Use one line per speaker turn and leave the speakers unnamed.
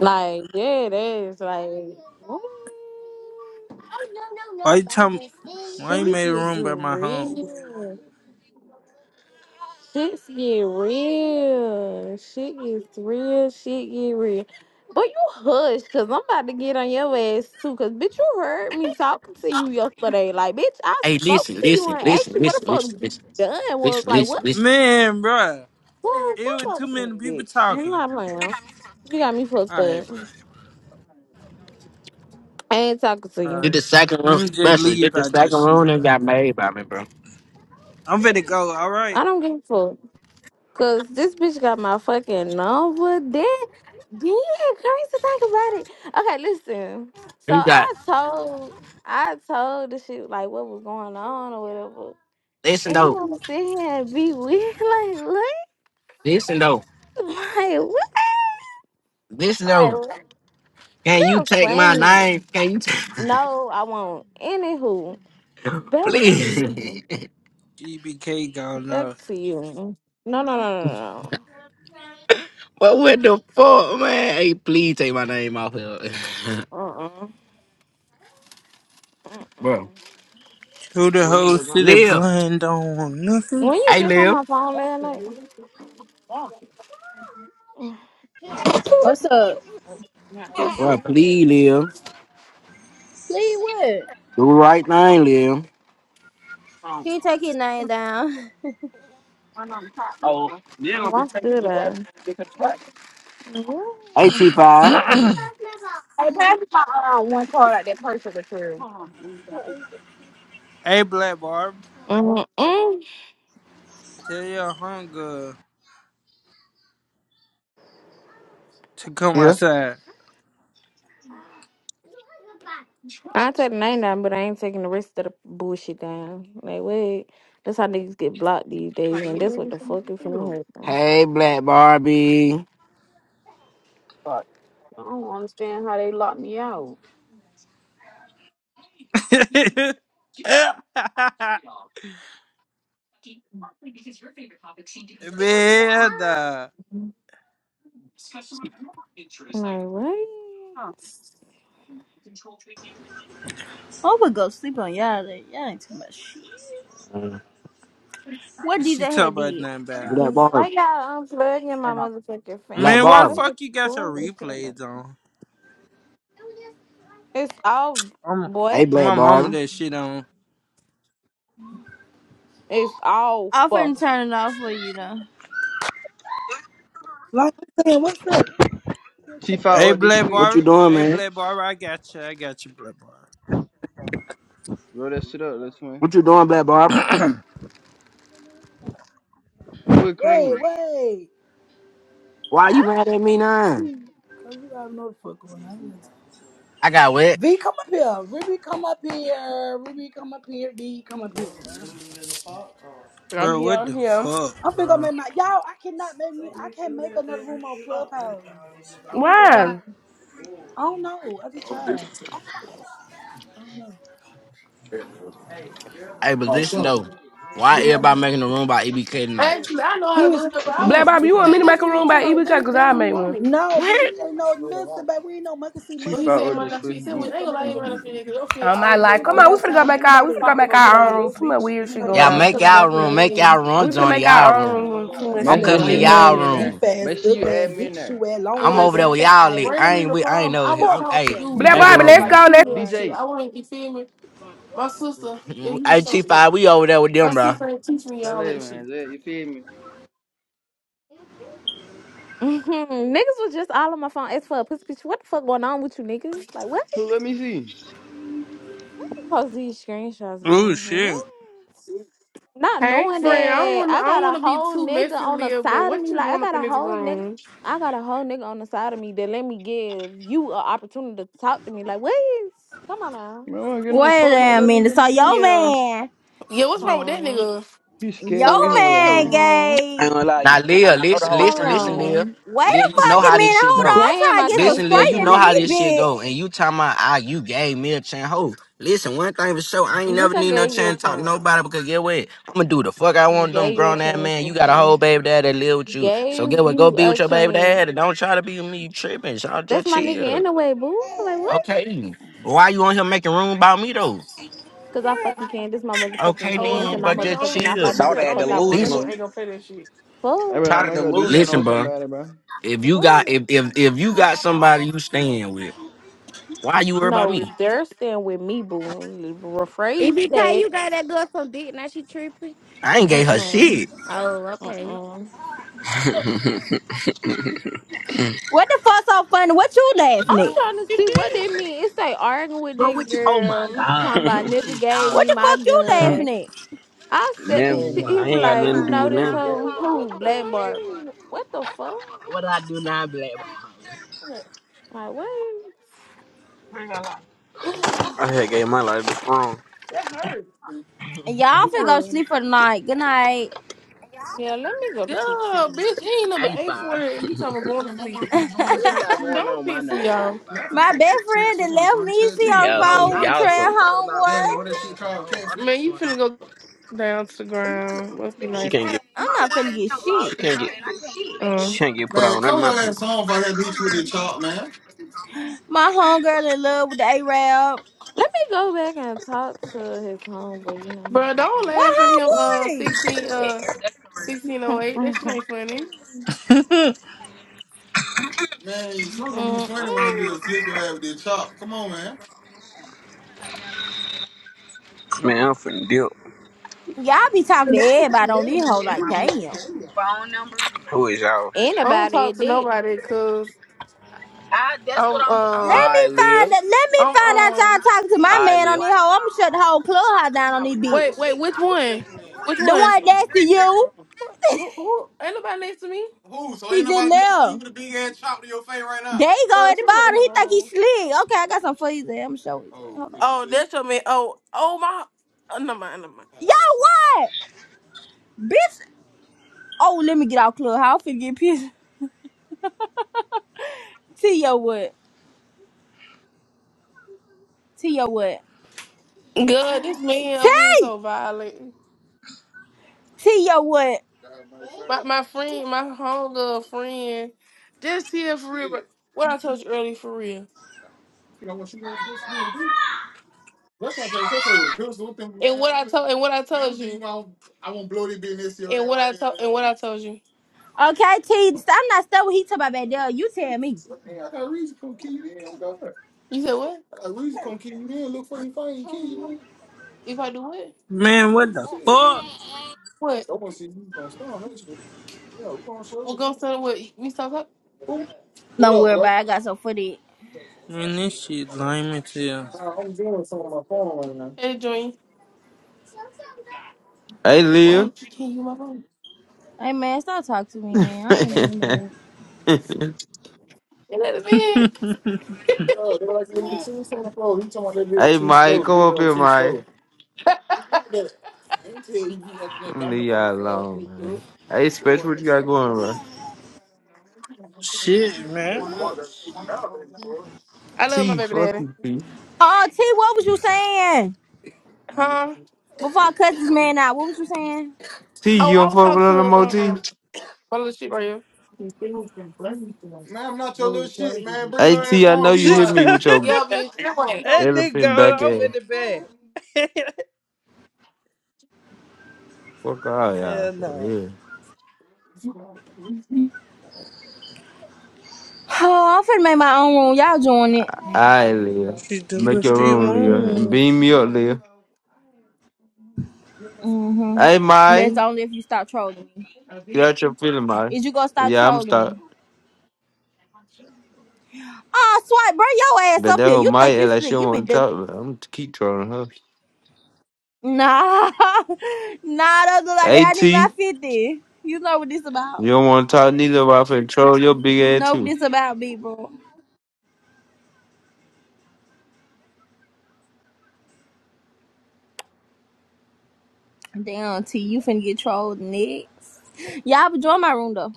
Like, yeah, it is. Like, what? Oh, no, no,
Why
no,
you
but I
talking?
just think.
Why you
Shit
made a
is
room by my home?
real. Shit's get real. Shit gets real. Shit get real. But you hush, cause I'm about to get on your ass too. Cause bitch, you heard me talking to you yesterday. Like, bitch, I
Hey,
spoke
listen,
to you
listen,
and asked
listen,
you what the
listen,
fuck
listen, listen,
done was.
listen,
Like,
listen,
what?
listen.
Man, bruh.
What?
It
Stop
was too
talking to
many
me,
people
bitch. I'm
talking.
not playing. You got me fucked
Alright,
up.
bro.
I ain't talking to you.
Did
Alright.
the second
Let
room
me just
special? Did
leave
the
out your
second
shit.
room and got made by me, bro?
I'm finna go, alright?
I don't give a fuck. Cause this bitch got my fucking number. Then, then crazy to think about it. Okay, listen. So
You got
I told, I told the shit like what was going on or whatever.
listen
And you
though,
wanna sit here and be weird like what?
listen though,
Like what?
listen
Like
though.
what?
Can you
You're
take my
funny.
name? Can you take,
No, I won't. Anywho, back to you.
please?
GBK gone
Back
now.
to you. No, no, no,
but what the fuck, man? Hey, please take my name off here,
no, no. Uh, uh-uh, uh,
bro.
Who the
Live,
whole city blind on nothing?
When you
hey,
just on
live,
my phone last night. Mm.
What's up?
bro. Please, live.
Sleep what?
Do the right thing, live.
Can you take your name down?
Why should I? Mm.
Hey, T five. Hey, pass me my uh, one card out that purse of the
hey, Black Barb.
mm
Tell your hunger to come
Yeah.
outside.
I take the name down, but I ain't taking the rest of the bullshit down. Like, wait, that's how niggas get blocked these days, and that's what the fuck is from hurting.
Hey, Black Barbie.
Man, nah.
I'm like, wait,
I'm gonna go sleep on y'all. then. Y'all ain't talking about shit. What DJ
She talking
had
about
did?
nothing bad.
Black
why
Barbie.
y'all unplugging my motherfucking
Black
fan?
Man,
Like,
why the
fuck,
Barbie.
fuck
it's
you got your
cool with that?
replays on?
It's off,
I'm,
Hey,
boy.
Black
my mama
Barbie.
that shit on.
It's
I'm
off.
finna turn it off for you though.
Like I'm saying, what's up?
Hey,
T5 up this
Black
What
switch.
you
Barber.
doing,
Hey,
man?
Black Barber. I got you. I got you, Black
Roll that shit up, let's win.
What you doing, Black Barbie?
Barber.
Who it
Wait,
cream?
wait.
Why you mad at me now?
Cause you have no fuck going on.
I got wet.
V, come up here. Ruby, come up here. Ruby, come up here. V, come up here.
I'm
bro,
here.
what
I'm
the
here.
fuck,
I'm finna go
bro?
make my y'all. I cannot make me. I can't make another room on Clubhouse. I don't know why.
Why?
I don't know. I just
Oh,
tried. I don't know.
Hey, but listen,
shut up.
though.
I
Why
don't know.
everybody making the room by EBK tonight?
Actually, I know how
Who
to do
is
it, but I
who
Black
is
was
Bob, you want me
anybody?
that,
to
that's
make a
when he
room by
talking about
EB Cut?
that,
Because
that's
I
what he
made one.
wanted.
No, bitch.
What?
We ain't no listen, but we ain't no monkey see
But
monkey
he
do
T5
said
ass
up
my
this
nephew
bitches.
switch.
He said, we ain't
Just go
gonna
make
lie,
another
ain't
room.
Mm-hmm.
enough fit because your feet
Oh my
already
life.
Ain't
look
Come
nobody
on, we
got
the
finna go
time.
make
Ain't
our, we finna
nobody
go
top
make
little
with
our
all
own room.
this,
braids
Too much
bitch.
weird
Ain't
shit
nobody got
going
to
Y'all
make
on.
no
to the
make
room
y'all
back
about
of
that
your
room.
dick
Make
ass.
head.
y'all
Uh,
room,
We finna
Johnny.
make
Y'all
our own
room.
room. Too
nobody got
much
time
I'm
for
Mess
shit
that
that
going
coming to
shit,
lame
on.
add
y'all
ass,
me in there.
goof
room.
ass,
Make sure you
But
ugly ass,
add me in
big
there.
shoe ass, long
I'm
what I'm
leg
over there
ass,
saying,
with
fat
y'all.
eye
Lit.
ass.
braid ain't
I
nigga.
even
ain't
the
with. I ain't
problem. I
over here.
was
I'm,
Fuck
taught to
hey,
yeah.
do
Black
DJ,
make a
not
make
Bobby,
live
sure
room,
let's
like
man.
you,
go. Let.
All
female
right.
shit.
DJ.
I wasn't, you feel me? My sister, yeah, he
Hey,
was showing me.
T5, we over there with
My
them, bro.
sister ain't teach me
Say
all
later,
that shit.
man. Zay, You feel me?
Mhm. Niggas was just all on my phone. It's for a pussy picture. What the fuck going on with you, nigga? Like, what? did
Who let me see?
You post these screenshots,
Oh,
boo. Like,
shit.
what? Not
Hey
knowing
friend, I don't
that
want to.
I
I don't
got a
want to be
whole
too
nigga
messy,
on the
Leah. But
side of
what
me.
you
Like, I
doing up
got
in
a
this
whole nigga.
room?
I got a whole nigga on the side of me that let me give you an opportunity to talk to me. Like, what is? Come on now.
Man, I don't get no
Wait a
fuck by
damn
that
minute.
nigga,
So
man.
your
Yeah,
man,
yeah. What's
Hold
wrong with that
on.
nigga?
He's
Something
your
wrong
scary
with
hell,
man
Hold
him.
man.
I ain't
gay.
gonna lie, you
Now,
going.
Leah,
I know the
listen,
whole
listen,
Hold
friend group
listen,
going.
Leah.
on.
Wait
Leah,
a
you know
fucking
how this
minute.
shit
Hold
go.
on. I'm
Damn,
trying
I
to get some
can't
Listen, Leah, you
fucking
straightening
know
do
in
how
this
this
this.
shit
bit.
go. And you talking about, ah, you gave me a chance. Ho, listen, one thing for sure, I ain't never
Bitch, I
need no
gave you a
chance to talk to
chance.
nobody because get what? I'm going to do the fuck I
I
want them
gave you a
grown ass
chance,
man. You got a
Bookie.
whole baby dad that live with you. So
Gave
get what? Go
you
be
a
with your baby
chance.
dad and don't try to be with me. You tripping. Y'all
That's
just
my nigga
chill.
anyway, boo. Like what?
Okay. Why you on here making room about me, though?
Cause I fucking can. This my
Okay,
motherfucking
Oh well,
hands
see
and
then,
the
my
but
nigga
just
motherfucking
on
mouth.
the
chill.
I do
Saw
what the
nigga
that
on
fuck I
next to
wanna
it
Listen,
delusional.
one ain't
do.
gonna play that shit.
Hey,
Fuck.
bro,
Saw the
I'm gonna do something
listen,
to
delusional.
bro.
somebody, bro.
If
The
you got
fuck?
if if if you got somebody you staying with, why you worry about
No,
me?
they're staying with me, boo. Rephrase
EBK,
that.
you got that girl some dick. Now she tripping.
I
I
ain't
ain't
gave
gave
her
her
Mm-mm.
shit.
shit.
Oh, okay.
Mm-mm.
What the fuck so funny? What you laughing
I'm
at?
trying to see what they mean. It's like arguing with
Bro,
this
what you? Oh my
girl,
god,
talking
bro.
about
What
nigga
is
gave
y'all
What
me
talking
the
my
fuck
about?
you
gun.
laughing at?
I said,
Never. Oh
she,
I
he
my
was
ain't got
like,
nothing to
you
god. do
know
with
this
nothing. Black
hoe?
Bob,
Who?
What's
what
going
Black
I do
Barb.
on?
What the fuck?
now? What I do now, Black Bob?
Like, what?
I had gave my life to wrong.
That hurt.
And y'all finna go
Anyway,
sleep for the night. Good night.
yeah, let me go to sleep.
Yeah,
Shooty.
bitch, he ain't number
Hey,
eight for
Bob.
it. You talking about going to
What they
sleep?
got
So
going
Don't
on my
piss me
name tonight,
off.
five.
My
Man,
best friend that left me, she
Man,
on the
y'all No, so
phone
not
with
y'all
Trey
you. so I'm talking about, bro. They
homeboy.
just had some whole other shit
you
going
finna
on.
go down to the ground. Must be
she can't
nice.
get
I'm not finna get
she
shit.
can't get
Uh,
she can't get put
bro,
on none of my people.
My homegirl in love with the A-Rab.
Let me go back and talk to his homeboy, you
don't
What
laugh at him. Uh,
homeboy?
sixteen. Uh, sixteen oh eight. That shit
know.
ain't funny.
Mm-mm.
Man, I'm finna dip.
Y'all be talking to everybody on this hoe like, damn.
Who is y'all?
I don't
Anybody
talk
it
to
did.
nobody, cause I'm um
Let me
I live.
find out, let me
Um,
find out
um,
y'all talking to my
I
man on
live.
this hoe. I'ma shut the whole clubhouse down on this
wait, wait,
bitch.
which one? Which
The
one?
one next to you,
Who, who? Ain't nobody next to me. Who? So
he
ain't
just
nobody next to you
left.
with a big ass chop to your face right now?
There you go
No,
at the
she's not in
bottom.
the
He think he
room.
slick. Okay, I got some for his ass. I'ma show his ass.
Oh,
Hold on.
Oh, shit. that's your man. Oh, oh my. Oh, never mind, never
Yo,
mind.
what? Bitch. Oh, let me get out clubhouse. I'm finna get pissed. T your what? T your what?
God, this man over here is
T!
so violent.
T your what?
My, my friend, my homegirl friend, just here for real. but What I told you earlier, for real. Rush out there, so say with a pistol. What thing? And what I told and what I told you. I won't blow this business. And what right I told and what I told you.
Okay, T, I'm not stuck with he talking about back there. You tell me.
What I got a reason to come kill you. Then I'm God. You said what? I got a reason to come kill you. Then look for you, find you, kill you. Man. If I do what?
Man, what
What you
the
said?
fuck?
What? I to see you gonna stand on that shit. Yeah, we gonna show We're you. gonna start what we start up? Who? What
Don't
up,
worry
bro?
about it. I got some footage.
Man, this shit lame as hell.
Nah, I'm doing something on my phone right now. Hey join.
Hey,
Hey, why
Leah.
he can't use my phone?
Hey, man, stop talking to me, man. I ain't
And
mean no.
let the man? Oh, they're like, "Man, as soon someone falls, you talking about that video
hey,
too
Mike.
slow. The
Come up
video
here,
too
Mike.
slow. I you you like that
I'm
dumb,
leave
dumb,
y'all
fast
alone,
shit, dude.
man. Hey,
They
Special,
want
what
that
you got
straight
going,
stuff.
bro?
shit,
Hey,
man.
DeMar, that's- that was it, bro. I love my
T,
baby
fuck
daddy.
you, T.
Oh, T, what was you saying?
Huh?
Before I cut this man out, what was you saying?
T,
Oh,
you
I
don't
was
fuck with
talking
no
to
more T?
um my little shit right here. Man, I'm not your little shit, man. Bring
Hey,
your
T,
ass
I know
on. You
you
Shit.
hit
my
me with your
Yeah,
that
bitch. Anyway.
nigga
elephant
going
back
off
ass.
in the bed.
Fuck all
hell
y'all, for
nah.
real.
Oh, I'm finna make my own room. Y'all join it.
All right, Leah.
She do
Make
what
your
she
room, Leah. And
want.
beam me up, Leah. Hey,
Mm-hmm.
Mike.
That's only if you stop trolling me.
Get out your feeling, Mike.
Is you gonna stop
Yeah, I'm
trolling me?
stuck,
Oh, swipe, bring your ass
But
up
that
here.
whole
You
Mike
think you
act like she
slick.
don't
You been
want to
duck.
talk, but I'm gonna keep trolling her.
Nah, nah, don't do like
Hey,
that. I need my
T.
fifty. You know what this about.
You don't want to talk neither about control your big
You
ass
know what
too.
this about, people. Damn, T, you finna get trolled next. Y'all, but join my room though.